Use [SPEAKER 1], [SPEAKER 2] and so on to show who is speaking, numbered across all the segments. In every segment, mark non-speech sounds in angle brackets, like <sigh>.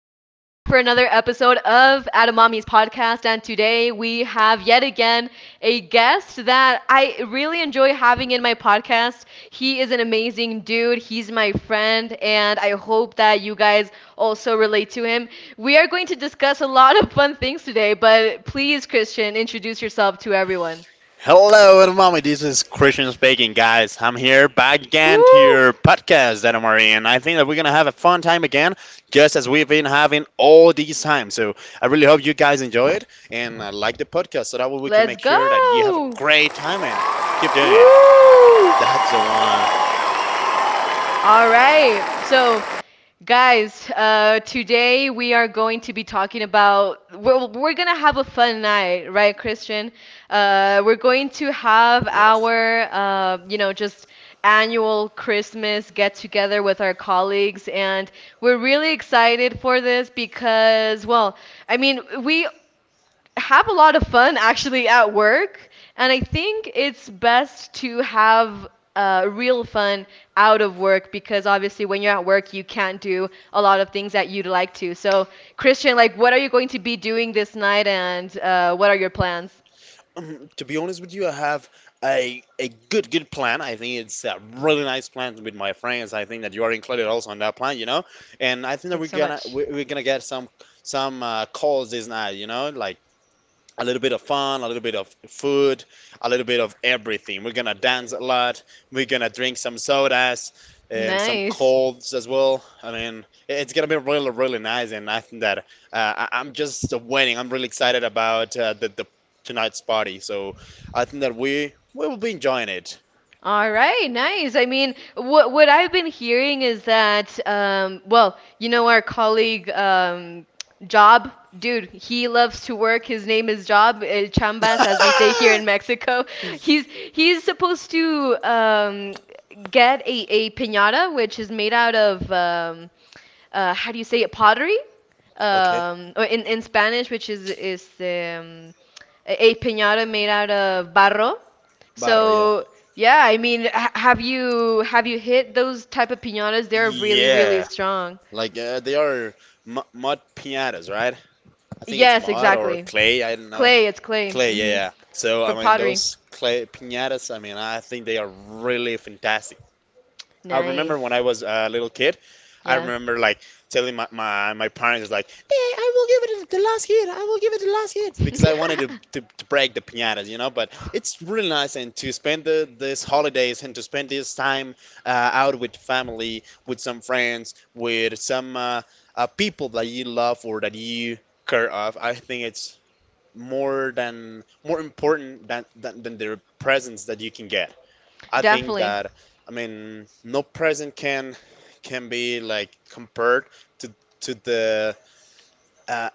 [SPEAKER 1] another episode of Adamami's podcast, and today we have yet again a guest that I really enjoy having in my podcast. He is an amazing dude, he's my friend, and I hope that you guys also relate to him. We are going to discuss a lot of fun things today, but please, Christian, introduce yourself to everyone.
[SPEAKER 2] Hello, everybody. This is Christian speaking, guys. I'm here back again to
[SPEAKER 1] Woo!
[SPEAKER 2] your podcast that I'm already in. I think that we're gonna have a fun time again, just as we've been having all these times. So I really hope you guys enjoy it and like the podcast, so that way we can
[SPEAKER 1] Let's
[SPEAKER 2] make sure that you have a
[SPEAKER 1] go!
[SPEAKER 2] great time and keep doing it.
[SPEAKER 1] Woo!
[SPEAKER 2] That's the one.
[SPEAKER 1] All right. So, guys, today we are going to be talking about. We're going to have a fun night, right, Christian? We're going to have
[SPEAKER 2] Yes.
[SPEAKER 1] our just annual Christmas get together with our colleagues. And we're really excited for this because, well, I mean, we have a lot of fun actually at work, and I think it's best to have real fun out of work because obviously when you're at work you can't do a lot of things that you'd like to. So Christian, like, what are you going to be doing this night, and what are your plans?
[SPEAKER 2] <clears throat> To be honest with you, I have a good plan. I think it's a really nice plan with my friends. I think that you are included also on that plan, you know. And I think that we're
[SPEAKER 1] Thanks so
[SPEAKER 2] gonna
[SPEAKER 1] much.
[SPEAKER 2] we- we're gonna get some calls this night, you know, like a little bit of fun, a little bit of food, a little bit of everything. We're gonna dance a lot. We're gonna drink some sodas and some
[SPEAKER 1] Nice.
[SPEAKER 2] colds as well. I mean, it's gonna be really, really nice, and I think that I'm just waiting. I'm really excited about the tonight's party. So I think that we will be enjoying it.
[SPEAKER 1] All right, nice. I mean, what I've been hearing is that well, you know our colleague Job, dude, he loves to work. His name is Job, El Chambas, as we say here in
[SPEAKER 2] <laughs>
[SPEAKER 1] Mexico. He's he's supposed to get a, piñata, which is made out of how do you say it, pottery?
[SPEAKER 2] Okay,
[SPEAKER 1] Or in Spanish, which is a piñata made out of barro,
[SPEAKER 2] barro, yeah.
[SPEAKER 1] so yeah, I mean, ha have you hit those type of piñatas? They're really, really
[SPEAKER 2] Yeah,
[SPEAKER 1] strong.
[SPEAKER 2] like they are mu mud piñatas, right? I think it's
[SPEAKER 1] Yes,
[SPEAKER 2] mud or
[SPEAKER 1] exactly.
[SPEAKER 2] clay. I don't know.
[SPEAKER 1] Clay, it's clay.
[SPEAKER 2] Clay,
[SPEAKER 1] Mm
[SPEAKER 2] yeah,
[SPEAKER 1] hmm.
[SPEAKER 2] yeah. So, I
[SPEAKER 1] From
[SPEAKER 2] mean,
[SPEAKER 1] pottery.
[SPEAKER 2] those clay piñatas, I mean, I think they are really fantastic. I remember when
[SPEAKER 1] Nice.
[SPEAKER 2] I was a little kid, I
[SPEAKER 1] Yeah.
[SPEAKER 2] remember like telling my parents, like, hey, I will give it to the last hit, I will give it to the last hit, because I wanted to,
[SPEAKER 1] <laughs>
[SPEAKER 2] to, to break the piñatas, you know. But it's really nice and to spend this holidays and to spend this time out with family, with some friends, with some people that you love or that you care of. I think it's more important than their presents that you can get. I think
[SPEAKER 1] Definitely.
[SPEAKER 2] that I mean no present can be like compared to to the uh,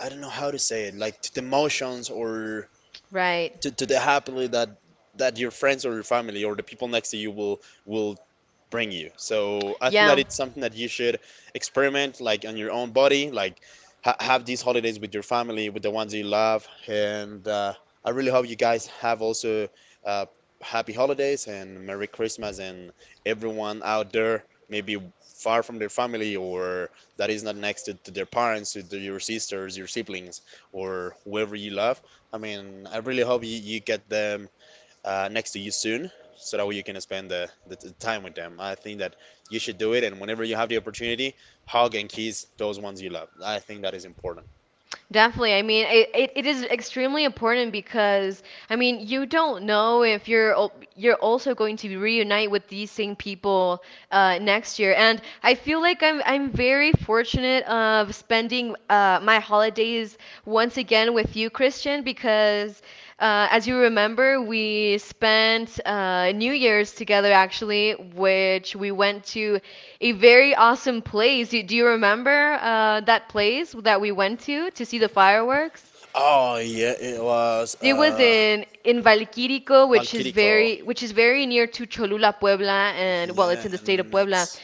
[SPEAKER 2] I don't know how to say it, like to the emotions or
[SPEAKER 1] Right.
[SPEAKER 2] to the happily that your friends or your family or the people next to you will bring you. So I think that
[SPEAKER 1] Yeah.
[SPEAKER 2] it's something that you should experiment like on your own body, like ha have these holidays with your family, with the ones you love. And I really hope you guys have also uh, happy holidays and Merry Christmas, and everyone out there maybe far from their family or that is not next to their parents, to your sisters, your siblings, or whoever you love. I mean, I really hope you get them next to you soon so that way you can spend the time with them. I think that you should do it, and whenever you have the opportunity, hug and kiss those ones you love. I think that is important.
[SPEAKER 1] Definitely. I mean, it is extremely important because I mean, you don't know if you're also going to reunite with these same people next year. And I feel like I'm very fortunate of spending my holidays once again with you, Christian, because as you remember, we spent New Year's together actually, which we went to a very awesome place. Do you remember that place that we went to see the fireworks?
[SPEAKER 2] Oh yeah, it was
[SPEAKER 1] It was in Valquírico, which is
[SPEAKER 2] Valkyrico.
[SPEAKER 1] very which is very near to Cholula, Puebla, and well, it's
[SPEAKER 2] Yeah,
[SPEAKER 1] in the state of Puebla.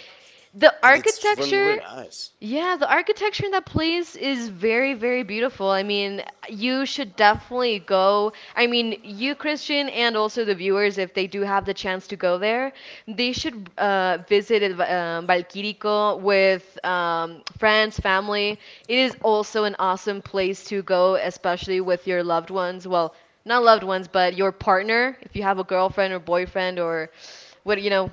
[SPEAKER 1] The
[SPEAKER 2] and it's really,
[SPEAKER 1] architecture,
[SPEAKER 2] really nice.
[SPEAKER 1] yeah, the architecture in that place is very, very beautiful. I mean, you should definitely go. I mean, you, Christian, and also the viewers, if they do have the chance to go there, they should visit Valquírico with friends, family. It is also an awesome place to go, especially with your loved ones. Well, not loved ones, but your partner, if you have a girlfriend or boyfriend or what, you know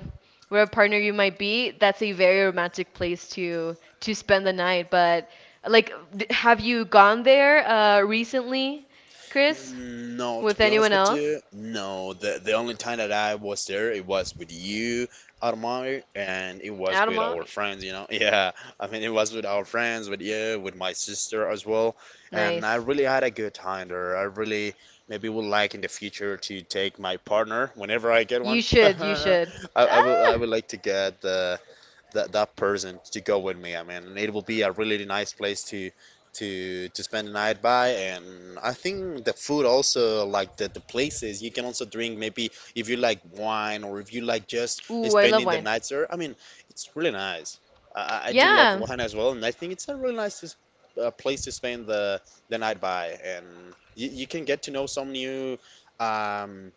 [SPEAKER 1] where a partner you might be, that's a very romantic place to spend the night. But like, have you gone there recently, Chris,
[SPEAKER 2] No, to
[SPEAKER 1] with
[SPEAKER 2] be
[SPEAKER 1] anyone
[SPEAKER 2] honest with
[SPEAKER 1] else?
[SPEAKER 2] you, no. The only time that I was there, it was with you, Armand, and it was
[SPEAKER 1] Out of
[SPEAKER 2] with our
[SPEAKER 1] mommy.
[SPEAKER 2] friends, you know. <laughs> Yeah, I mean, it was with our friends, with you, with my sister as well. And I
[SPEAKER 1] Nice.
[SPEAKER 2] really had a good time there. I really maybe would like in the future to take my partner whenever I get
[SPEAKER 1] You
[SPEAKER 2] one. <laughs>
[SPEAKER 1] should. You should.
[SPEAKER 2] I would
[SPEAKER 1] Ah.
[SPEAKER 2] like to get that person to go with me. I mean, and it will be a really nice place to spend the night by. And I think the food also, like the places, you can also drink maybe if you like wine or if you like just
[SPEAKER 1] Ooh, I love
[SPEAKER 2] spending the
[SPEAKER 1] wine.
[SPEAKER 2] night there. I mean, it's really nice. I do love
[SPEAKER 1] Yeah.
[SPEAKER 2] wine as well, and I think it's a really nice place to spend the night by. And you can get to know some new. Um,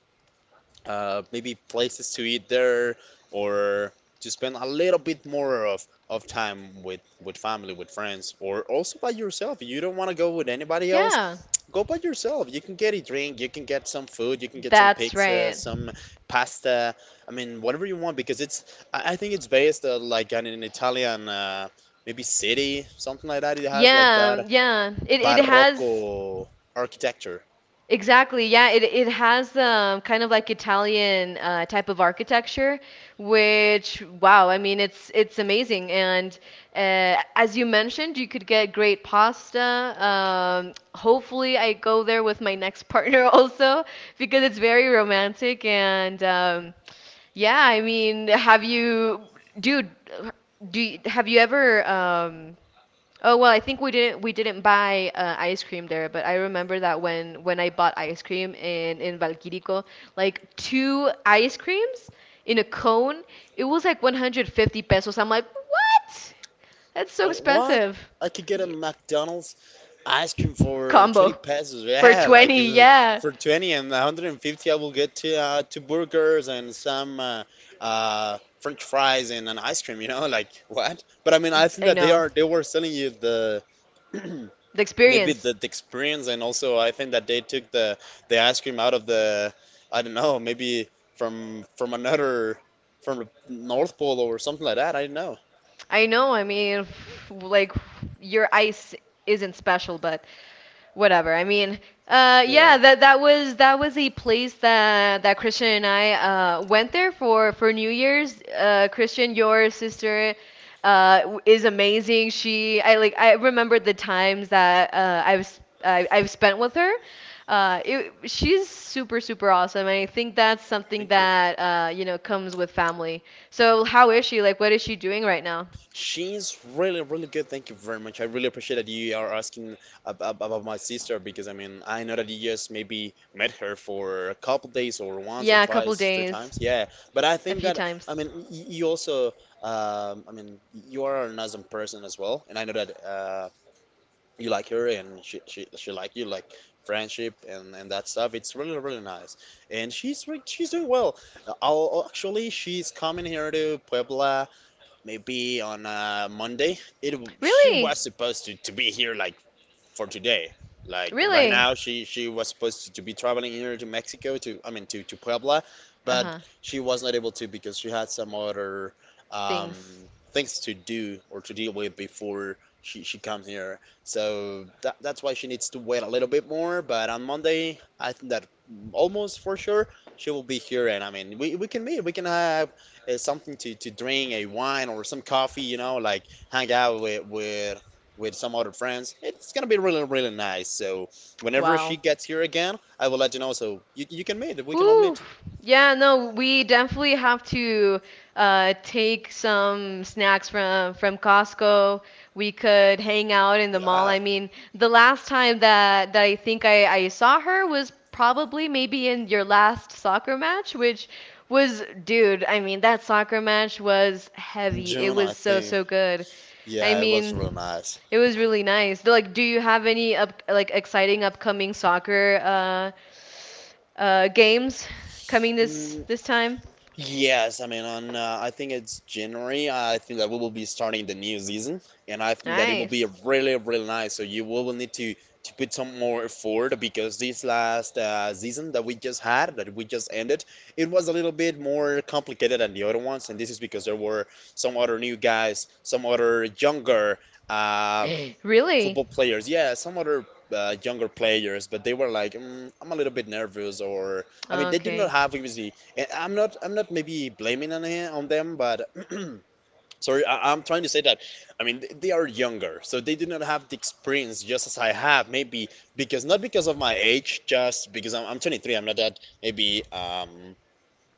[SPEAKER 2] Maybe places to eat there or to spend a little bit more of time with family, with friends, or also by yourself. You don't want to go with anybody
[SPEAKER 1] Yeah.
[SPEAKER 2] else. Go by yourself. You can get a drink, you can get some food, you can get some
[SPEAKER 1] That's
[SPEAKER 2] pizza,
[SPEAKER 1] right.
[SPEAKER 2] some pasta. I mean, whatever you want because it's. I think it's based like on an Italian maybe city, something like that. It has like
[SPEAKER 1] Yeah.
[SPEAKER 2] that
[SPEAKER 1] Yeah. It has.
[SPEAKER 2] barocco architecture.
[SPEAKER 1] Exactly. Yeah, it has kind of like Italian type of architecture, which wow, I mean it's amazing. And as you mentioned, you could get great pasta. Hopefully, I go there with my next partner <laughs> also because it's very romantic. And yeah, I mean, have you, dude, do you, have you ever oh well, I think we didn't buy ice cream there, but I remember that when I bought ice cream in Valquírico, like two ice creams in a cone, it was like 150 pesos. I'm like, "What? That's so
[SPEAKER 2] Like what?
[SPEAKER 1] expensive."
[SPEAKER 2] I could get a
[SPEAKER 1] Y
[SPEAKER 2] McDonald's ice cream
[SPEAKER 1] <laughs>
[SPEAKER 2] for 20
[SPEAKER 1] combo
[SPEAKER 2] pesos.
[SPEAKER 1] for
[SPEAKER 2] Yeah,
[SPEAKER 1] 20, yeah.
[SPEAKER 2] for 20 and 150, I will get two burgers and some French fries and an ice cream, you know? Like, what? But I mean, I think
[SPEAKER 1] I
[SPEAKER 2] that they
[SPEAKER 1] know.
[SPEAKER 2] are they were selling you the
[SPEAKER 1] The
[SPEAKER 2] <clears throat> maybe
[SPEAKER 1] experience.
[SPEAKER 2] the experience, and also I think that they took the ice cream out of the I don't know, maybe from another from the North Pole or something like that. I don't know.
[SPEAKER 1] I know. I mean, like your ice isn't special, but whatever. I mean,
[SPEAKER 2] Yeah,
[SPEAKER 1] yeah, that was a place that Christian and I went there for New Year's. Christian, your sister, is amazing. She, I remember the times that I have have spent with her. It, she's super, super awesome, and I think that's something
[SPEAKER 2] thank you.
[SPEAKER 1] that comes with family. So how is she? Like, what is she doing right now?
[SPEAKER 2] She's really, really good. Thank you very much. I really appreciate that you are asking about my sister, because I mean, I know that you just maybe met her for a couple days or once or
[SPEAKER 1] Yeah, a couple
[SPEAKER 2] twice, three
[SPEAKER 1] days,
[SPEAKER 2] times. Yeah, but I
[SPEAKER 1] a
[SPEAKER 2] think
[SPEAKER 1] few
[SPEAKER 2] that
[SPEAKER 1] times.
[SPEAKER 2] I mean, you also, I mean, you are an awesome person as well, and I know that you like her and she like you like friendship and that stuff. It's really, really nice, and she's doing well. Actually, she's coming here to Puebla maybe on Monday. She was
[SPEAKER 1] Really,
[SPEAKER 2] supposed to be here, like for today. Like right
[SPEAKER 1] really.
[SPEAKER 2] now, she was supposed to be traveling here to Mexico to to Puebla,
[SPEAKER 1] Uh
[SPEAKER 2] but
[SPEAKER 1] huh.
[SPEAKER 2] she was not able to because she had some other um,
[SPEAKER 1] Things.
[SPEAKER 2] things to do or to deal with before she comes here. So that's why she needs to wait a little bit more. But on Monday, I think that almost for sure she will be here, and I mean we can meet, we can have something to drink, a wine or some coffee, you know, like hang out with with some other friends. It's gonna be really, really nice. So whenever she
[SPEAKER 1] Wow.
[SPEAKER 2] gets here again, I will let you know. So you can meet. We can all
[SPEAKER 1] Woo.
[SPEAKER 2] meet.
[SPEAKER 1] Yeah, no, we definitely have to take some snacks from Costco. We could hang out in the mall.
[SPEAKER 2] Yeah,
[SPEAKER 1] I mean, the last time that I think I saw her was probably maybe in your last soccer match, which was, dude, I mean, that soccer match was
[SPEAKER 2] in
[SPEAKER 1] heavy. It
[SPEAKER 2] June, I
[SPEAKER 1] was so,
[SPEAKER 2] think.
[SPEAKER 1] so good. I
[SPEAKER 2] Yeah, it was real
[SPEAKER 1] mean,
[SPEAKER 2] nice.
[SPEAKER 1] it was really nice. Like, do you have any like exciting upcoming soccer games coming this
[SPEAKER 2] Mm,
[SPEAKER 1] this time?
[SPEAKER 2] Yes, I mean on I think it's January. I think that we will be starting the new season, and I think that it will be
[SPEAKER 1] Nice.
[SPEAKER 2] really, really nice. So you will need to put some more effort, because this last season that we just had, that we just ended, it was a little bit more complicated than the other ones, and this is because there were some other new guys, some other younger uh,
[SPEAKER 1] <gasps> Really?
[SPEAKER 2] football players. Yeah, some other younger players, but they were like, I'm a little bit nervous, or I mean, they did not
[SPEAKER 1] Okay.
[SPEAKER 2] have obviously. And I'm not maybe blaming on him, on them, but <clears throat> sorry, I'm trying to say that. I mean, they are younger, so they do not have the experience just as I have. Maybe because not because of my age, just because I'm 23. I'm not that maybe.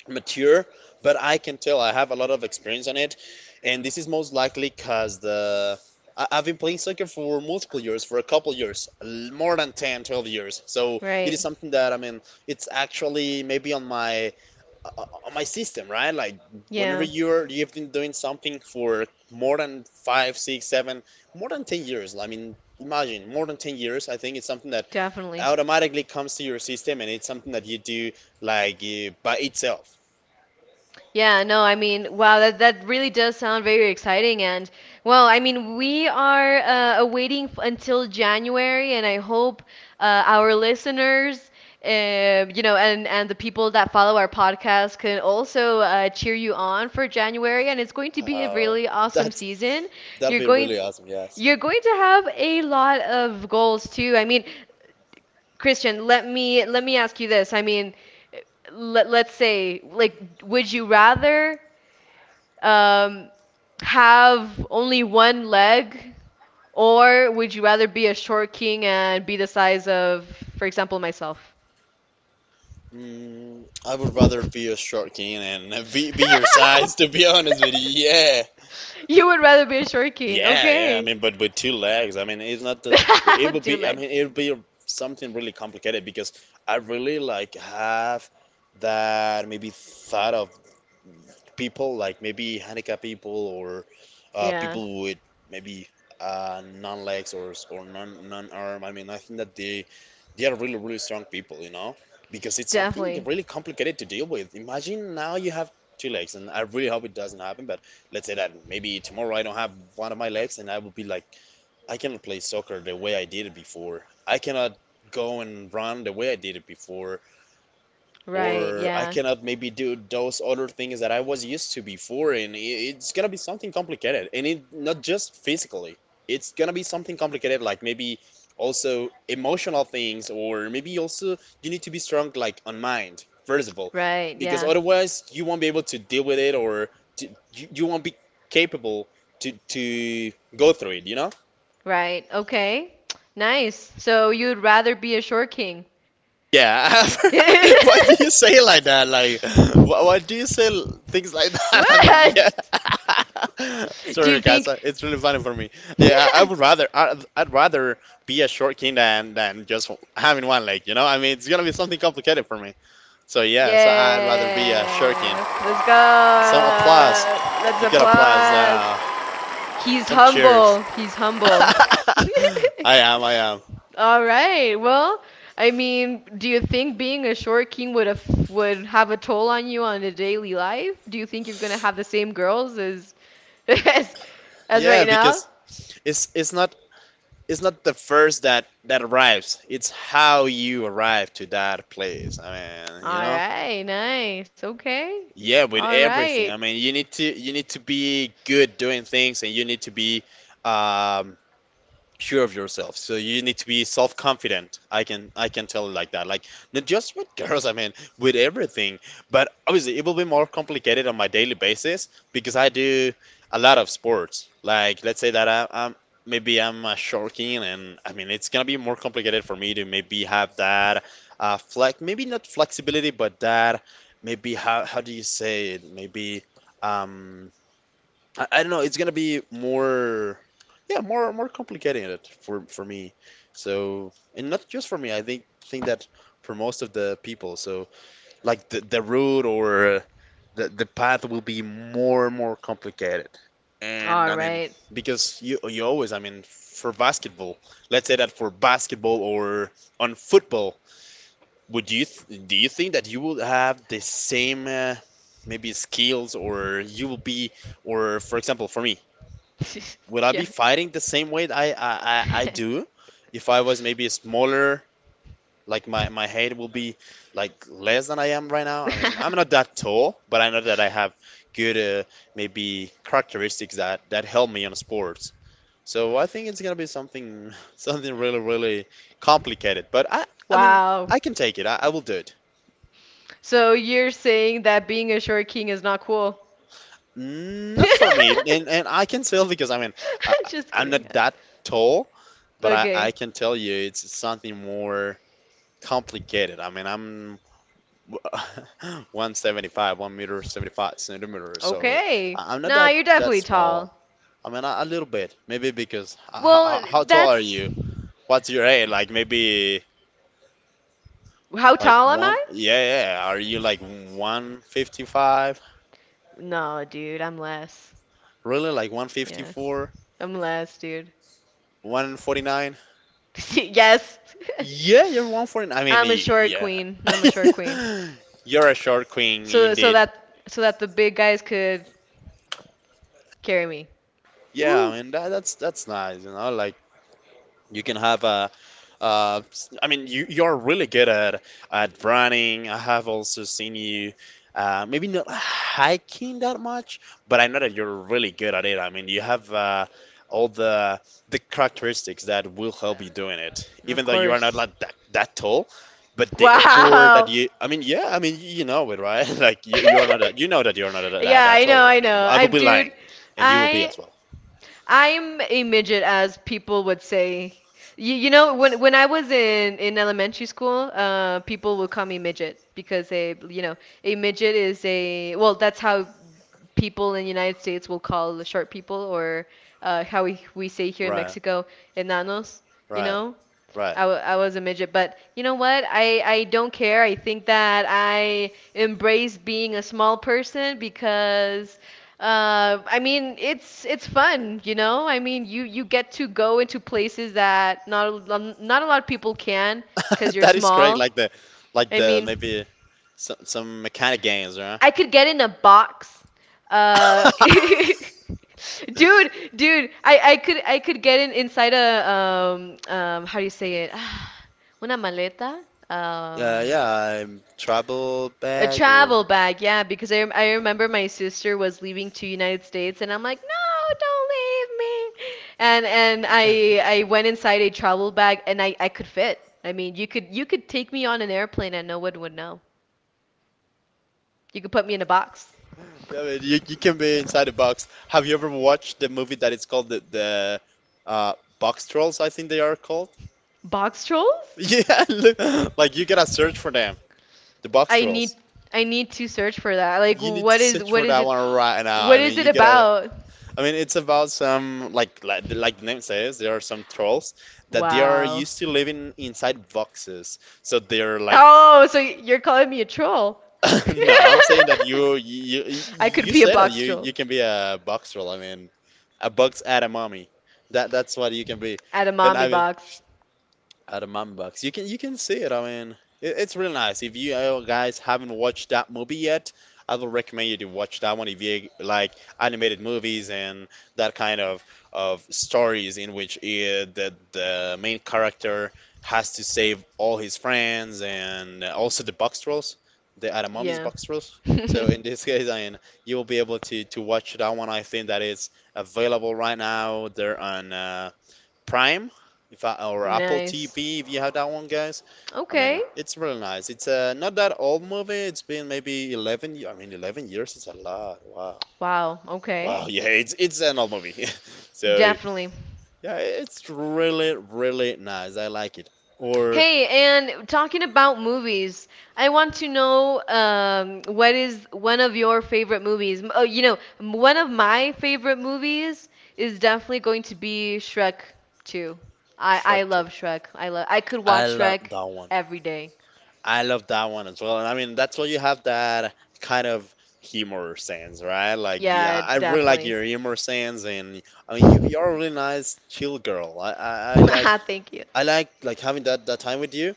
[SPEAKER 2] Mature, but I can tell I have a lot of experience on it, and this is most likely because I've been playing soccer for multiple years, for a couple years, more than 10, 12 years. So it is
[SPEAKER 1] Right.
[SPEAKER 2] something that I mean, it's actually maybe on my system, right? Like whenever
[SPEAKER 1] Yeah,
[SPEAKER 2] you're you've been doing something for more than five, six, seven, more than 10 years. I mean, imagine more than 10 years. I think it's something that
[SPEAKER 1] definitely.
[SPEAKER 2] automatically comes to your system, and it's something that you do like by itself.
[SPEAKER 1] Yeah, no, I mean, wow, that really does sound very exciting. And well, I mean, we are awaiting f until January, and I hope our listeners, and the people that follow our podcast can also cheer you on for January. And it's going to be a
[SPEAKER 2] Uh,
[SPEAKER 1] really
[SPEAKER 2] <laughs>
[SPEAKER 1] awesome
[SPEAKER 2] that's
[SPEAKER 1] season.
[SPEAKER 2] that'd
[SPEAKER 1] You're
[SPEAKER 2] be
[SPEAKER 1] going
[SPEAKER 2] really awesome. Yes.
[SPEAKER 1] you're going to have a lot of goals too. I mean, Christian, let me ask you this. I mean, let's say like would you rather um, have only one leg, or would you rather be a short king and be the size of, for example, myself?
[SPEAKER 2] I would rather be a
[SPEAKER 1] <laughs>
[SPEAKER 2] short king and <laughs> be your size, to be honest with you. Yeah.
[SPEAKER 1] You would rather be a short king,
[SPEAKER 2] Yeah, yeah. I
[SPEAKER 1] okay?
[SPEAKER 2] mean, but with two legs, I mean, it's not that
[SPEAKER 1] <laughs>
[SPEAKER 2] it
[SPEAKER 1] With
[SPEAKER 2] would
[SPEAKER 1] two
[SPEAKER 2] be. I mean,
[SPEAKER 1] legs.
[SPEAKER 2] it would be something really complicated because I really like have that maybe thought of people, like maybe handicap people or
[SPEAKER 1] Yeah,
[SPEAKER 2] people with maybe non legs or non arm. I mean, I think that they are really, really strong people, you know, because it's something
[SPEAKER 1] definitely.
[SPEAKER 2] really complicated to deal with. Imagine now you have two legs, and I really hope it doesn't happen. But let's say that maybe tomorrow I don't have one of my legs, and I will be like, I cannot play soccer the way I did it before. I cannot go and run the way I did it before,
[SPEAKER 1] Right,
[SPEAKER 2] or I
[SPEAKER 1] yeah,
[SPEAKER 2] cannot maybe do those other things that I was used to before, and it's gonna be something complicated, and it not just physically. It's gonna be something complicated, like maybe also emotional things, or maybe also you need to be strong, like on mind, first of all,
[SPEAKER 1] right,
[SPEAKER 2] because
[SPEAKER 1] yeah,
[SPEAKER 2] otherwise you won't be able to deal with it, or you won't be capable to go through it, you know?
[SPEAKER 1] right. Okay, nice. So you'd rather be a short king.
[SPEAKER 2] Yeah. <laughs> Why
[SPEAKER 1] <laughs>
[SPEAKER 2] do you say it like that? Like, why do you say things like <laughs> that? I mean, yeah.
[SPEAKER 1] What?
[SPEAKER 2] <laughs>
[SPEAKER 1] Do you
[SPEAKER 2] Sorry, guys.
[SPEAKER 1] think?
[SPEAKER 2] It's really funny for me. Yeah, I would
[SPEAKER 1] <laughs>
[SPEAKER 2] rather I'd rather be a short king than just having one leg. You know, I mean, it's gonna be something complicated for me. So yeah, so I'd rather be a short king.
[SPEAKER 1] Yeah. Let's go.
[SPEAKER 2] Some applause.
[SPEAKER 1] Let's
[SPEAKER 2] You get applause.
[SPEAKER 1] applause. He's
[SPEAKER 2] Some cheers.
[SPEAKER 1] humble. He's
[SPEAKER 2] <laughs>
[SPEAKER 1] humble.
[SPEAKER 2] I
[SPEAKER 1] <laughs>
[SPEAKER 2] am. I am.
[SPEAKER 1] All right. Well, I mean, do you think being a short king would have a toll on you on a daily life? Do you think you're gonna have the same girls as <laughs> as as
[SPEAKER 2] Yeah,
[SPEAKER 1] right now?
[SPEAKER 2] because it's not it's not the first that arrives. It's how you arrive to that place. I mean, you
[SPEAKER 1] All
[SPEAKER 2] know.
[SPEAKER 1] right. Nice. Okay.
[SPEAKER 2] Yeah, with
[SPEAKER 1] All right.
[SPEAKER 2] everything. I mean, you need to be good doing things, and you need to be um, sure of yourself, so you need to be self-confident. I can tell it like that, like not just with <laughs> girls, I mean with everything. But obviously it will be more complicated on my daily basis because I do a lot of sports. Like let's say that I'm maybe, I'm a short king, and I mean it's gonna be more complicated for me to maybe have that flex, maybe not flexibility, but that, maybe, how do you say it, maybe um I, don't know. It's gonna be more, yeah, more complicated it for me. So, and not just for me. I think that for most of the people. So, like the route or the path will be more and more complicated. And
[SPEAKER 1] All
[SPEAKER 2] I mean,
[SPEAKER 1] right.
[SPEAKER 2] because you always, I mean, for basketball, let's say that for basketball or on football, would you th do you think that you will have the same maybe skills, or you will be, or for example, for me,
[SPEAKER 1] <laughs>
[SPEAKER 2] would I be
[SPEAKER 1] Yeah.
[SPEAKER 2] fighting the same way that I do
[SPEAKER 1] <laughs>
[SPEAKER 2] if I was maybe smaller? Like my height will be like less than I am right now. I mean, I'm not that tall, but I know that I have good maybe characteristics that help me on sports. So I think it's gonna be something <laughs> something really complicated. But I mean
[SPEAKER 1] Wow.
[SPEAKER 2] I can take it. I will do it.
[SPEAKER 1] So you're saying that being a short king is not cool? <laughs>
[SPEAKER 2] Not for me,
[SPEAKER 1] I'm
[SPEAKER 2] and I can tell because I mean I,
[SPEAKER 1] just
[SPEAKER 2] I'm
[SPEAKER 1] kidding.
[SPEAKER 2] not that tall, but I
[SPEAKER 1] Okay.
[SPEAKER 2] can tell you it's something more complicated. I mean, I'm <laughs> 175, 1 meter 75 centimeters, so
[SPEAKER 1] Okay.
[SPEAKER 2] I'm not
[SPEAKER 1] Nah,
[SPEAKER 2] that
[SPEAKER 1] you're definitely
[SPEAKER 2] small.
[SPEAKER 1] tall.
[SPEAKER 2] I mean, a little bit, maybe. Because
[SPEAKER 1] Well,
[SPEAKER 2] how tall are
[SPEAKER 1] that's
[SPEAKER 2] you? What's your height? Like maybe
[SPEAKER 1] how
[SPEAKER 2] like
[SPEAKER 1] tall am
[SPEAKER 2] one?
[SPEAKER 1] I?
[SPEAKER 2] Yeah, yeah. Are you like 155?
[SPEAKER 1] No, dude, I'm less.
[SPEAKER 2] Really? Like
[SPEAKER 1] Yeah,
[SPEAKER 2] 154?
[SPEAKER 1] I'm less, dude.
[SPEAKER 2] 149?
[SPEAKER 1] <laughs> Yes. <laughs>
[SPEAKER 2] Yeah, you're 149. I mean,
[SPEAKER 1] I'm a short queen. I'm a short queen.
[SPEAKER 2] yeah. <laughs> You're a short queen
[SPEAKER 1] So so
[SPEAKER 2] indeed.
[SPEAKER 1] that so that the big guys could carry me.
[SPEAKER 2] Yeah,
[SPEAKER 1] Woo.
[SPEAKER 2] I mean that, that's nice, you know, like you can have a— I mean, you are really good at running. I have also seen you, maybe not hiking that much, but I know that you're really good at it. I mean, you have all the characteristics that will help you doing it,
[SPEAKER 1] Of
[SPEAKER 2] even though you are not
[SPEAKER 1] course.
[SPEAKER 2] like that tall. But
[SPEAKER 1] <laughs>
[SPEAKER 2] the effort that
[SPEAKER 1] Wow.
[SPEAKER 2] you, I mean, yeah, I mean, you know it, right? <laughs> Like you are not that,
[SPEAKER 1] <laughs>
[SPEAKER 2] you know that you're not
[SPEAKER 1] Yeah,
[SPEAKER 2] that
[SPEAKER 1] I know,
[SPEAKER 2] tall. I
[SPEAKER 1] I
[SPEAKER 2] mean,
[SPEAKER 1] know.
[SPEAKER 2] I
[SPEAKER 1] I
[SPEAKER 2] will be
[SPEAKER 1] dude,
[SPEAKER 2] lying, and you will be
[SPEAKER 1] I
[SPEAKER 2] as well.
[SPEAKER 1] I'm a midget, as people would say. You know when I was in elementary school, people would call me midget because, they a midget is a, well, that's how people in the United States will call the short people, or how we say here in
[SPEAKER 2] Right,
[SPEAKER 1] Mexico, enanos, you
[SPEAKER 2] right,
[SPEAKER 1] know?
[SPEAKER 2] right.
[SPEAKER 1] I was a midget, but you know what? I don't care. I think that I embrace being a small person because I mean it's fun, you know? I mean you get to go into places that not not a lot of people can because
[SPEAKER 2] <laughs>
[SPEAKER 1] you're
[SPEAKER 2] That is correct.
[SPEAKER 1] small.
[SPEAKER 2] Like like
[SPEAKER 1] I
[SPEAKER 2] the
[SPEAKER 1] mean
[SPEAKER 2] maybe. Some mechanic games, right?
[SPEAKER 1] I could get in a box. Uh,
[SPEAKER 2] <laughs>
[SPEAKER 1] <laughs> dude, I could get in inside a how do you say it? <sighs> Una maleta?
[SPEAKER 2] Yeah,
[SPEAKER 1] Um,
[SPEAKER 2] yeah, I'm travel
[SPEAKER 1] a
[SPEAKER 2] bag or—
[SPEAKER 1] travel bag, yeah, because I remember my sister was leaving to United States and I'm like, "No, don't leave me." And I went inside a travel bag and I could fit. I mean, you could take me on an airplane and no one would know. You could put me in a box.
[SPEAKER 2] Yeah, man, you can be inside the box. Have you ever watched the movie that is called the uh, Box Trolls, I think they are called?
[SPEAKER 1] Box
[SPEAKER 2] <laughs>
[SPEAKER 1] trolls?
[SPEAKER 2] Yeah, look, like you gotta
[SPEAKER 1] <laughs>
[SPEAKER 2] search for them, the Box
[SPEAKER 1] I need
[SPEAKER 2] Trolls.
[SPEAKER 1] I need to search for that. Like
[SPEAKER 2] You need to search
[SPEAKER 1] what
[SPEAKER 2] for
[SPEAKER 1] is
[SPEAKER 2] that
[SPEAKER 1] it?
[SPEAKER 2] one right
[SPEAKER 1] <gasps>
[SPEAKER 2] now.
[SPEAKER 1] What
[SPEAKER 2] I
[SPEAKER 1] is
[SPEAKER 2] mean,
[SPEAKER 1] it
[SPEAKER 2] you gotta.
[SPEAKER 1] about?
[SPEAKER 2] I mean, it's about some like like the name says, there are some trolls that they are
[SPEAKER 1] Wow.
[SPEAKER 2] used to living inside boxes. So they're like—
[SPEAKER 1] Oh, so you're calling me a troll. <laughs>
[SPEAKER 2] <laughs> No, I'm saying that
[SPEAKER 1] I could
[SPEAKER 2] you
[SPEAKER 1] be a
[SPEAKER 2] said that
[SPEAKER 1] box troll
[SPEAKER 2] you can be a boxer. I mean, a box at a mommy. That's what you can be.
[SPEAKER 1] at a
[SPEAKER 2] And
[SPEAKER 1] mommy
[SPEAKER 2] I mean,
[SPEAKER 1] box.
[SPEAKER 2] out of Mumbox. You can see it. I mean, it's really nice. If you guys haven't watched that movie yet, I would recommend you to watch that one if you like animated movies and that kind of stories in which the main character has to save all his friends and also the box trolls, the Adamami's
[SPEAKER 1] Yeah.
[SPEAKER 2] box trolls. So in
[SPEAKER 1] <laughs>
[SPEAKER 2] this <laughs> case, I mean, you'll be able to watch that one. I think that is available right now. They're on. Prime, if I, or Apple
[SPEAKER 1] Nice.
[SPEAKER 2] TV, if you have that one, guys. I
[SPEAKER 1] Okay.
[SPEAKER 2] mean, it's really nice. It's not that old movie. It's been maybe 11. I mean, 11 years is a lot. Wow.
[SPEAKER 1] Wow. Okay.
[SPEAKER 2] Wow. <laughs> Yeah, it's an old movie. <laughs> So
[SPEAKER 1] Definitely.
[SPEAKER 2] yeah, it's really nice. I like it. Or
[SPEAKER 1] Hey, and talking about movies, I want to know what is one of your favorite movies? Oh, one of my favorite movies is definitely going to be Shrek 2. I
[SPEAKER 2] Shrek 2.
[SPEAKER 1] love Shrek. I love. I could
[SPEAKER 2] I
[SPEAKER 1] watch
[SPEAKER 2] love
[SPEAKER 1] Shrek
[SPEAKER 2] that one.
[SPEAKER 1] every day.
[SPEAKER 2] I love that one as well. And I mean, that's why you have that kind of humor sense, right? Like,
[SPEAKER 1] Yeah,
[SPEAKER 2] yeah,
[SPEAKER 1] it's
[SPEAKER 2] I really like
[SPEAKER 1] definitely.
[SPEAKER 2] your humor sense, and I mean, you're a
[SPEAKER 1] <laughs>
[SPEAKER 2] really nice, chill girl.
[SPEAKER 1] Ah, thank you.
[SPEAKER 2] I like having that time with you.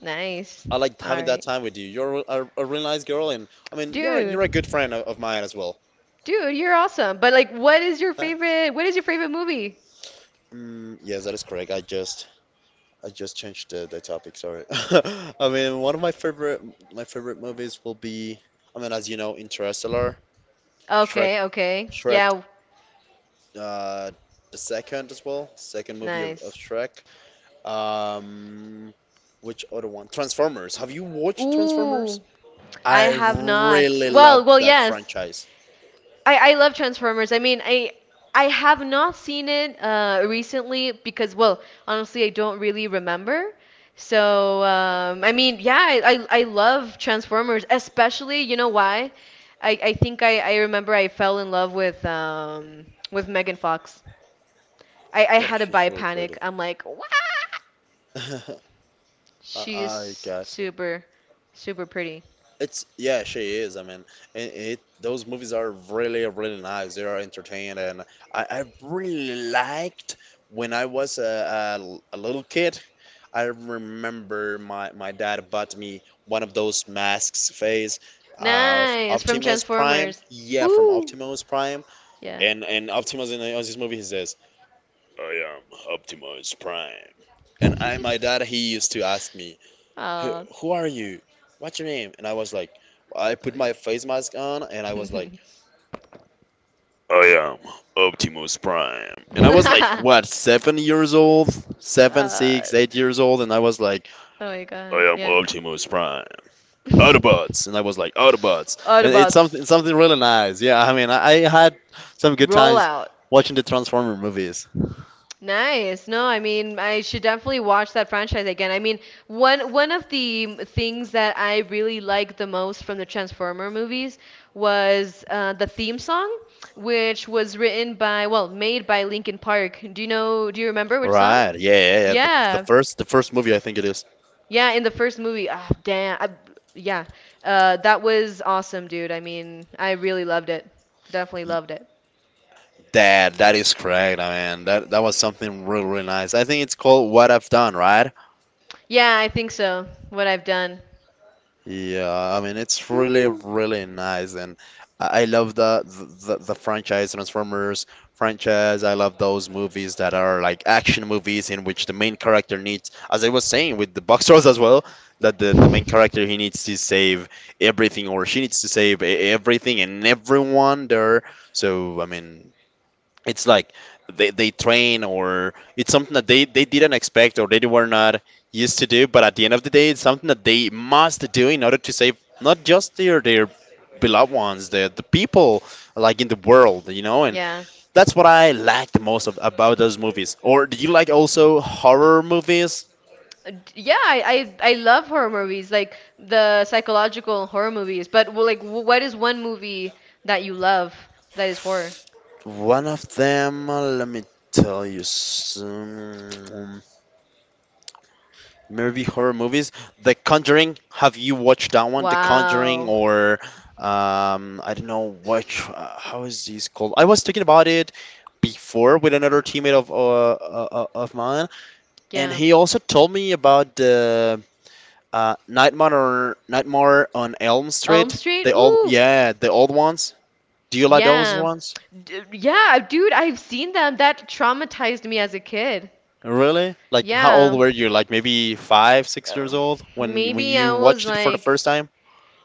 [SPEAKER 1] Nice.
[SPEAKER 2] I like
[SPEAKER 1] All
[SPEAKER 2] having that
[SPEAKER 1] right.
[SPEAKER 2] time with you. You're a really nice girl, and I mean, you're
[SPEAKER 1] Dude.
[SPEAKER 2] a good friend of, mine as well.
[SPEAKER 1] Dude, you're awesome. But like what is your
[SPEAKER 2] Thanks.
[SPEAKER 1] favorite what is your favorite movie?
[SPEAKER 2] Mm, yes, that is correct. I just changed the topic, sorry. <laughs> I mean, one of my favorite movies will be, I mean, as you know, Interstellar, Shrek,
[SPEAKER 1] Okay, okay.
[SPEAKER 2] Shrek
[SPEAKER 1] Yeah.
[SPEAKER 2] uh, the second as well, second movie of,
[SPEAKER 1] Nice.
[SPEAKER 2] Shrek. Um, which other one? Transformers. Have you watched Transformers?
[SPEAKER 1] Ooh, I
[SPEAKER 2] I
[SPEAKER 1] have not.
[SPEAKER 2] really love
[SPEAKER 1] Well, well,
[SPEAKER 2] that
[SPEAKER 1] yes.
[SPEAKER 2] franchise.
[SPEAKER 1] I love Transformers. I mean, I have not seen it recently because, well, honestly, I don't really remember. So, I mean, yeah, I love Transformers, especially, you know why? I think I remember I fell in love with with Megan Fox. I
[SPEAKER 2] Yeah,
[SPEAKER 1] had a
[SPEAKER 2] she's
[SPEAKER 1] bi
[SPEAKER 2] really
[SPEAKER 1] panic.
[SPEAKER 2] pretty.
[SPEAKER 1] I'm like, what?
[SPEAKER 2] <laughs> I I
[SPEAKER 1] She's
[SPEAKER 2] got you.
[SPEAKER 1] super, super pretty.
[SPEAKER 2] It's yeah, she is. I mean, it those movies are really nice. They are entertaining, and I really liked when I was a little kid. I remember my dad bought me one of those masks phase of
[SPEAKER 1] Nice, from
[SPEAKER 2] Optimus Prime.
[SPEAKER 1] Transformers.
[SPEAKER 2] Yeah, from
[SPEAKER 1] Woo!
[SPEAKER 2] Optimus Prime.
[SPEAKER 1] Yeah.
[SPEAKER 2] And Optimus in this movie he says, I am Optimus Prime. And I my
[SPEAKER 1] <laughs>
[SPEAKER 2] dad he used to ask me, "Who
[SPEAKER 1] Oh,
[SPEAKER 2] are you? What's your name?" And I was like, I put my
[SPEAKER 1] you.
[SPEAKER 2] face mask on and I was like,
[SPEAKER 1] <laughs>
[SPEAKER 2] I am Optimus Prime. And I was like, what, 7 years old?
[SPEAKER 1] Uh,
[SPEAKER 2] 8 years old, and I was like,
[SPEAKER 1] oh my
[SPEAKER 2] I
[SPEAKER 1] god.
[SPEAKER 2] am
[SPEAKER 1] Yeah.
[SPEAKER 2] Optimus Prime.
[SPEAKER 1] <laughs>
[SPEAKER 2] Autobots, and I was like Autobots, and it's
[SPEAKER 1] Autobots,
[SPEAKER 2] something really nice. Yeah, I mean, I had some good
[SPEAKER 1] roll
[SPEAKER 2] times
[SPEAKER 1] out.
[SPEAKER 2] watching the Transformer movies.
[SPEAKER 1] Nice. No, I mean, I should definitely watch that franchise again. I mean, one of the things that I really liked the most from the Transformer movies was the theme song, which was written by, well, made by Linkin Park. Do you know, do you remember which song?
[SPEAKER 2] Right? Yeah.
[SPEAKER 1] Yeah.
[SPEAKER 2] The first movie I think it is.
[SPEAKER 1] Yeah, in the first movie. Ah, damn. I, yeah. That was awesome, dude. I mean, I really loved it. Definitely
[SPEAKER 2] Y-
[SPEAKER 1] loved it.
[SPEAKER 2] That is correct. I mean, that was something really nice. I think it's called What I've Done, right?
[SPEAKER 1] Yeah, I think so. What I've done.
[SPEAKER 2] Yeah, I mean it's really
[SPEAKER 1] Woo.
[SPEAKER 2] nice, and I love the franchise Transformers franchise. I love those movies that are like action movies in which the main character needs, as I was saying with the box trolls as well, that the main character he
[SPEAKER 1] <laughs>
[SPEAKER 2] needs to save everything, or she needs to save everything and everyone there. So I mean it's like they train, or it's something that they didn't expect, or they were not used to do, but at the end of the day it's something that they must do in order to save not just their beloved ones, the people like in the world, you know. And
[SPEAKER 1] Yeah.
[SPEAKER 2] that's what I like the most of, about those movies. Or do you like also horror movies?
[SPEAKER 1] Yeah, I love horror movies, like the psychological horror movies. But well, like, what is one movie that you love that is horror?
[SPEAKER 2] One of them, let me tell you some. Maybe horror movies. The Conjuring. Have you watched that one? The Conjuring,
[SPEAKER 1] Wow.
[SPEAKER 2] or I don't know which. How is this called? I was talking about it before with another teammate of mine, and
[SPEAKER 1] Yeah.
[SPEAKER 2] he also told me about the Nightmare, or Nightmare on Elm
[SPEAKER 1] Elm
[SPEAKER 2] Street.
[SPEAKER 1] Street?
[SPEAKER 2] The old,
[SPEAKER 1] Oof.
[SPEAKER 2] yeah, the old ones. Do you like those
[SPEAKER 1] Yeah.
[SPEAKER 2] ones?
[SPEAKER 1] D Yeah, dude, I've seen them. That traumatized me as a kid.
[SPEAKER 2] Really? Like, how old
[SPEAKER 1] Yeah.
[SPEAKER 2] were you? Like maybe five, six
[SPEAKER 1] Uh,
[SPEAKER 2] years old when
[SPEAKER 1] maybe
[SPEAKER 2] you
[SPEAKER 1] I was
[SPEAKER 2] watched it for the
[SPEAKER 1] like,
[SPEAKER 2] first time?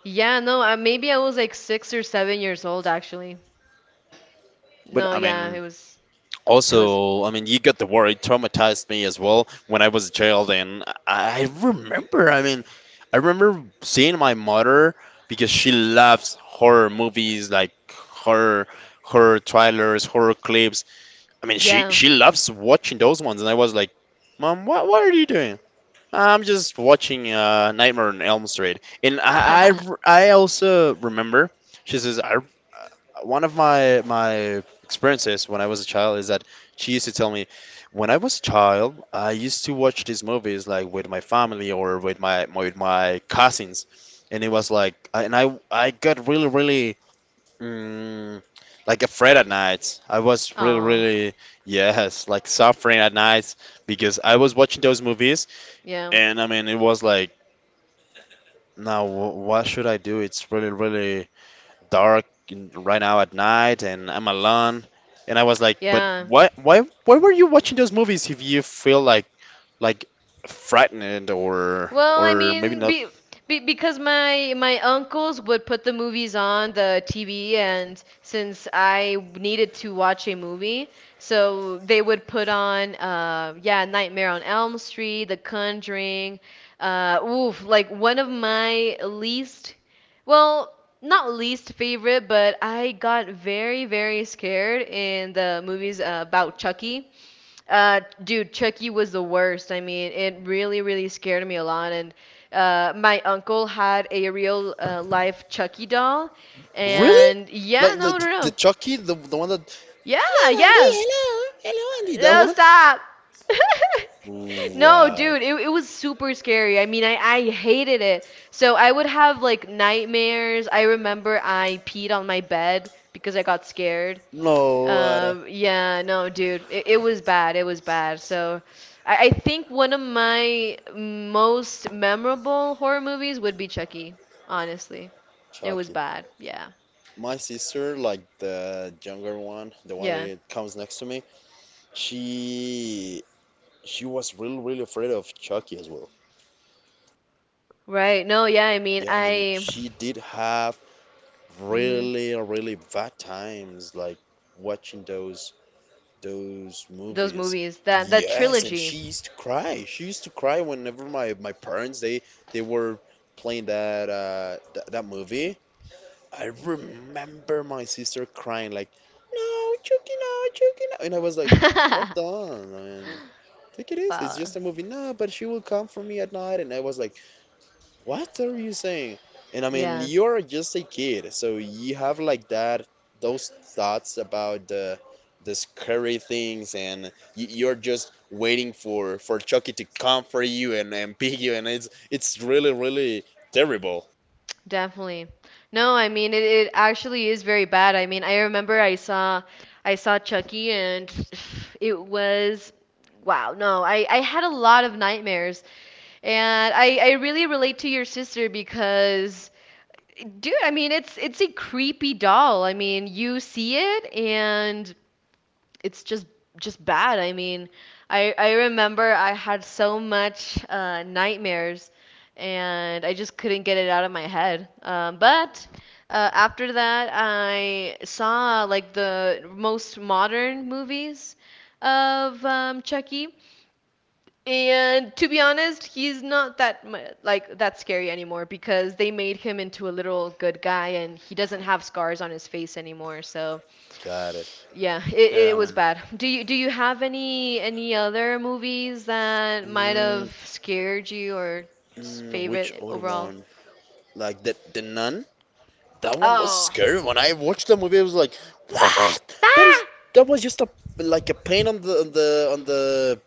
[SPEAKER 1] yeah, no, Maybe I was like 6 or 7 years old actually.
[SPEAKER 2] But
[SPEAKER 1] No,
[SPEAKER 2] I
[SPEAKER 1] yeah,
[SPEAKER 2] mean.
[SPEAKER 1] it was,
[SPEAKER 2] Also, I mean, you got the word. It traumatized me as well when I was a child, and I remember. I mean, I remember seeing my mother because she loves horror movies, like horror horror trailers, horror clips. I mean, she
[SPEAKER 1] yeah.
[SPEAKER 2] she loves watching those ones, and I was like, "Mom, what are you doing?" I'm just watching Nightmare on Elm Street, and
[SPEAKER 1] <laughs>
[SPEAKER 2] I also remember she says I one of my experiences when I was a child is that she used to tell me when I was a child I used to watch these movies like with my family or with my cousins, and it was like I- and I I got really. Mm, like afraid at nights. I was really,
[SPEAKER 1] Oh,
[SPEAKER 2] really, yes, like suffering at nights because I was watching those movies.
[SPEAKER 1] yeah.
[SPEAKER 2] And I mean, it was like, now what should I do? It's really, really dark right now at night, and I'm alone. And I was like, but
[SPEAKER 1] Yeah.
[SPEAKER 2] why were you watching those movies if you feel like, frightened
[SPEAKER 1] Well, I
[SPEAKER 2] or maybe
[SPEAKER 1] mean,
[SPEAKER 2] not?
[SPEAKER 1] be because my uncles would put the movies on the TV and since I needed to watch a movie, so they would put on yeah, Nightmare on Elm Street, The Conjuring, oof, like one of my least, well, not least favorite, but I got very, very scared in the movies about Chucky. Dude, Chucky was the worst. I mean, it really, really scared me a lot. And my uncle had a real life Chucky doll.
[SPEAKER 2] Really?
[SPEAKER 1] And yeah,
[SPEAKER 2] Like the
[SPEAKER 1] no, no,
[SPEAKER 2] the
[SPEAKER 1] no.
[SPEAKER 2] Chucky, the one that.
[SPEAKER 1] Yeah,
[SPEAKER 2] Hello, Andy.
[SPEAKER 1] yeah.
[SPEAKER 2] Hello, Andy. That
[SPEAKER 1] No,
[SPEAKER 2] one.
[SPEAKER 1] stop. <laughs> No,
[SPEAKER 2] Wow.
[SPEAKER 1] dude, it was super scary. I mean, I hated it. So I would have like nightmares. I remember I peed on my bed because I got scared.
[SPEAKER 2] No, what a
[SPEAKER 1] Yeah, no, dude, it was bad. It was bad. So, I think one of my most memorable horror movies would be Chucky, honestly. It was
[SPEAKER 2] Chucky.
[SPEAKER 1] bad. Yeah.
[SPEAKER 2] My sister, like the younger one, the one
[SPEAKER 1] Yeah.
[SPEAKER 2] that comes next to me. She she was really really afraid of Chucky as well.
[SPEAKER 1] Right. No, yeah, I mean,
[SPEAKER 2] Yeah, I mean
[SPEAKER 1] I
[SPEAKER 2] she did have
[SPEAKER 1] mhm.
[SPEAKER 2] really really bad times like watching those
[SPEAKER 1] Those
[SPEAKER 2] movies.
[SPEAKER 1] movies, that
[SPEAKER 2] Yes, and
[SPEAKER 1] trilogy.
[SPEAKER 2] she used to cry. She used to cry whenever my parents they were playing that th that movie. I remember my sister crying like, "No, Chucky, no, Chucky, no," and I was like, "Hold
[SPEAKER 1] <laughs>
[SPEAKER 2] on, man. Think it is. It's
[SPEAKER 1] Wow.
[SPEAKER 2] just a movie. No, but she will come for me at night." And I was like, what are you saying? And I mean,
[SPEAKER 1] Yeah.
[SPEAKER 2] you're just a kid, so you have like that, those thoughts about the scary things, and you're just waiting for Chucky to come for you and pick you, and it's really really terrible.
[SPEAKER 1] Definitely. No, I mean it actually is very bad. I mean, I saw Chucky and <sighs> it was wow, no. I had a lot of nightmares and I really relate to your sister because dude, I mean, it's a creepy doll. I mean, you see it and it's just bad. I mean, I remember I had so much nightmares, and I just couldn't get it out of my head. But after that, I saw like the most modern movies of Chucky, and to be honest, he's not that that scary anymore because they made him into a little good guy, and he doesn't have scars on his face anymore. So
[SPEAKER 2] Got it.
[SPEAKER 1] yeah, it
[SPEAKER 2] Yeah,
[SPEAKER 1] was
[SPEAKER 2] man.
[SPEAKER 1] bad. Do you have any other movies that might
[SPEAKER 2] Mm,
[SPEAKER 1] have scared you or
[SPEAKER 2] mm, which
[SPEAKER 1] favorite
[SPEAKER 2] other
[SPEAKER 1] overall?
[SPEAKER 2] one? Like the nun? That one was
[SPEAKER 1] Oh.
[SPEAKER 2] scary. When I watched the movie, I was like, "What? That
[SPEAKER 1] Ah!
[SPEAKER 2] is that was just a like a paint on the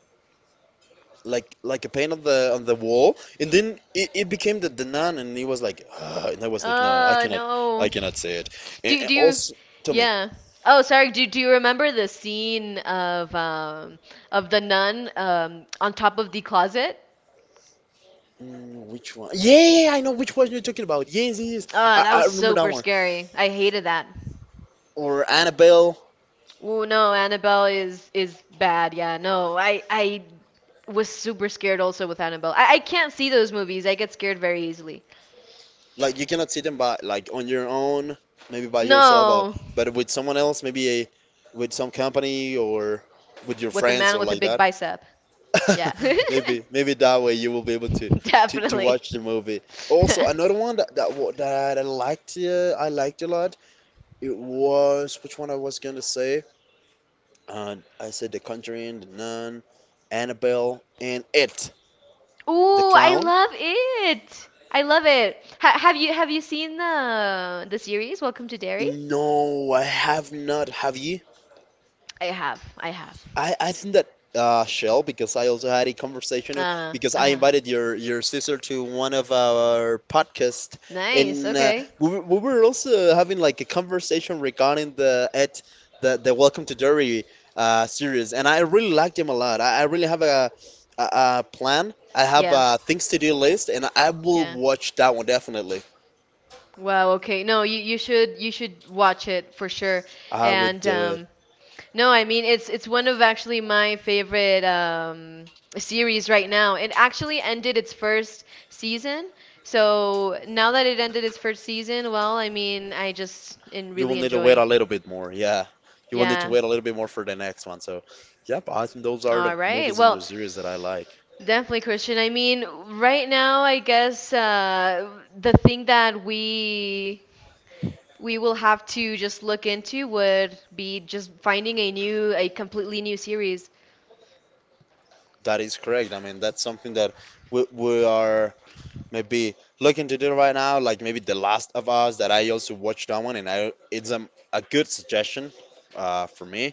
[SPEAKER 2] like a paint on the wall." And then it became the nun, and he was like, "Ugh," and I was like, "No,
[SPEAKER 1] Oh,
[SPEAKER 2] I
[SPEAKER 1] no.
[SPEAKER 2] cannot say it." And,
[SPEAKER 1] Do
[SPEAKER 2] and
[SPEAKER 1] do you
[SPEAKER 2] also, tell me,
[SPEAKER 1] yeah. Oh, Sorry. Do you remember the scene of the nun on top of the closet?
[SPEAKER 2] mm, which one? Yeah, yeah, yeah, I know which one you're talking about. Yes, yes, yes.
[SPEAKER 1] Oh, that
[SPEAKER 2] I
[SPEAKER 1] was
[SPEAKER 2] remember that
[SPEAKER 1] super
[SPEAKER 2] one.
[SPEAKER 1] scary. I hated that.
[SPEAKER 2] Or Annabelle.
[SPEAKER 1] Oh no, Annabelle is bad. Yeah, no, I was super scared also with Annabelle. I can't see those movies. I get scared very easily.
[SPEAKER 2] Like you cannot see them by like on your own, maybe by yourself,
[SPEAKER 1] No,
[SPEAKER 2] but with someone else, maybe with some company or with your
[SPEAKER 1] with a
[SPEAKER 2] friends
[SPEAKER 1] man
[SPEAKER 2] or
[SPEAKER 1] with a
[SPEAKER 2] like
[SPEAKER 1] big
[SPEAKER 2] that.
[SPEAKER 1] bicep. Yeah,
[SPEAKER 2] <laughs> Maybe maybe that way you will be able to to
[SPEAKER 1] <laughs> definitely.
[SPEAKER 2] watch the movie. Also,
[SPEAKER 1] <laughs>
[SPEAKER 2] another one that I liked a lot. It was which one I was gonna say? I said The Conjuring, The Nun, Annabelle, and It, the
[SPEAKER 1] Ooh, I
[SPEAKER 2] Clown.
[SPEAKER 1] love it. I love it. Ha Have you seen the series Welcome to Derry?
[SPEAKER 2] No, I have not. Have you?
[SPEAKER 1] I have. I have.
[SPEAKER 2] I think that Shell, because I also had a conversation because I
[SPEAKER 1] Uh-huh.
[SPEAKER 2] invited your sister to one of our podcast,
[SPEAKER 1] Nice.
[SPEAKER 2] and
[SPEAKER 1] Okay.
[SPEAKER 2] we were also having like a conversation regarding the Welcome to Derry series, and I really liked him a lot. I really have a plan. I have
[SPEAKER 1] Yeah.
[SPEAKER 2] a things to do list, and I will
[SPEAKER 1] Yeah.
[SPEAKER 2] watch that one definitely.
[SPEAKER 1] Wow, okay. No, you should watch it for sure.
[SPEAKER 2] I would
[SPEAKER 1] And
[SPEAKER 2] do
[SPEAKER 1] no, I mean it's one of actually my favorite series right now. It actually ended its first season. So now that it ended its first season, well, I mean I just and
[SPEAKER 2] you will
[SPEAKER 1] really
[SPEAKER 2] need to wait
[SPEAKER 1] enjoy.
[SPEAKER 2] a little bit more. Yeah, you will need to
[SPEAKER 1] Yeah.
[SPEAKER 2] wait a little bit more for the next one. So, yep, I think those are the
[SPEAKER 1] All right.
[SPEAKER 2] movies and the
[SPEAKER 1] Well,
[SPEAKER 2] series that I like.
[SPEAKER 1] definitely, Christian. I mean, right now, I guess the thing that we will have to just look into would be just finding a completely new series.
[SPEAKER 2] That is correct. I mean, that's something that we are maybe looking to do right now. Like maybe The Last of Us, that I also watched that one, and I it's a good suggestion for me.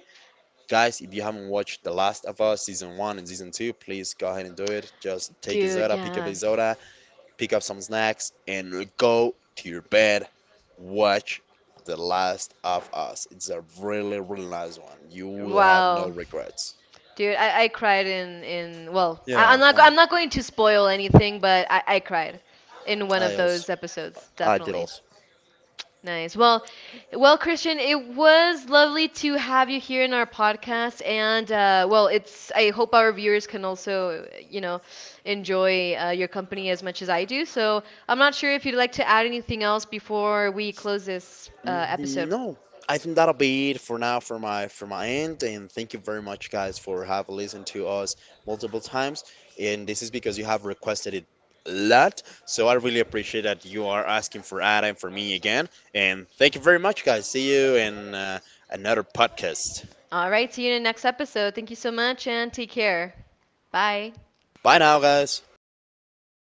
[SPEAKER 2] Guys, if you haven't watched The Last of Us season one and season two, please go ahead and do it. Just take a
[SPEAKER 1] Dude,
[SPEAKER 2] soda, pick up
[SPEAKER 1] yeah.
[SPEAKER 2] a soda, pick up some snacks, and go to your bed. Watch The Last of Us. It's a really, really nice one. You will have no
[SPEAKER 1] Wow.
[SPEAKER 2] regrets.
[SPEAKER 1] Dude, I cried in well, I,
[SPEAKER 2] Yeah,
[SPEAKER 1] I'm
[SPEAKER 2] I know.
[SPEAKER 1] not going to spoil anything, but I cried in one of
[SPEAKER 2] I also.
[SPEAKER 1] those episodes,
[SPEAKER 2] I did
[SPEAKER 1] definitely.
[SPEAKER 2] also.
[SPEAKER 1] Nice. Well, well, Christian, it was lovely to have you here in our podcast, and well, it's. I hope our viewers can also, you know, enjoy your company as much as I do. So I'm not sure if you'd like to add anything else before we close this episode.
[SPEAKER 2] Mm, no, I think that'll be it for now for my end. And thank you very much, guys, for have listened to us multiple times. And this is because you have requested it a lot. So I really appreciate that you are asking for Ada and for me again. And thank you very much, guys. See you in another podcast.
[SPEAKER 1] All right. See you in the next episode. Thank you so much, and take care. Bye.
[SPEAKER 2] Bye now, guys.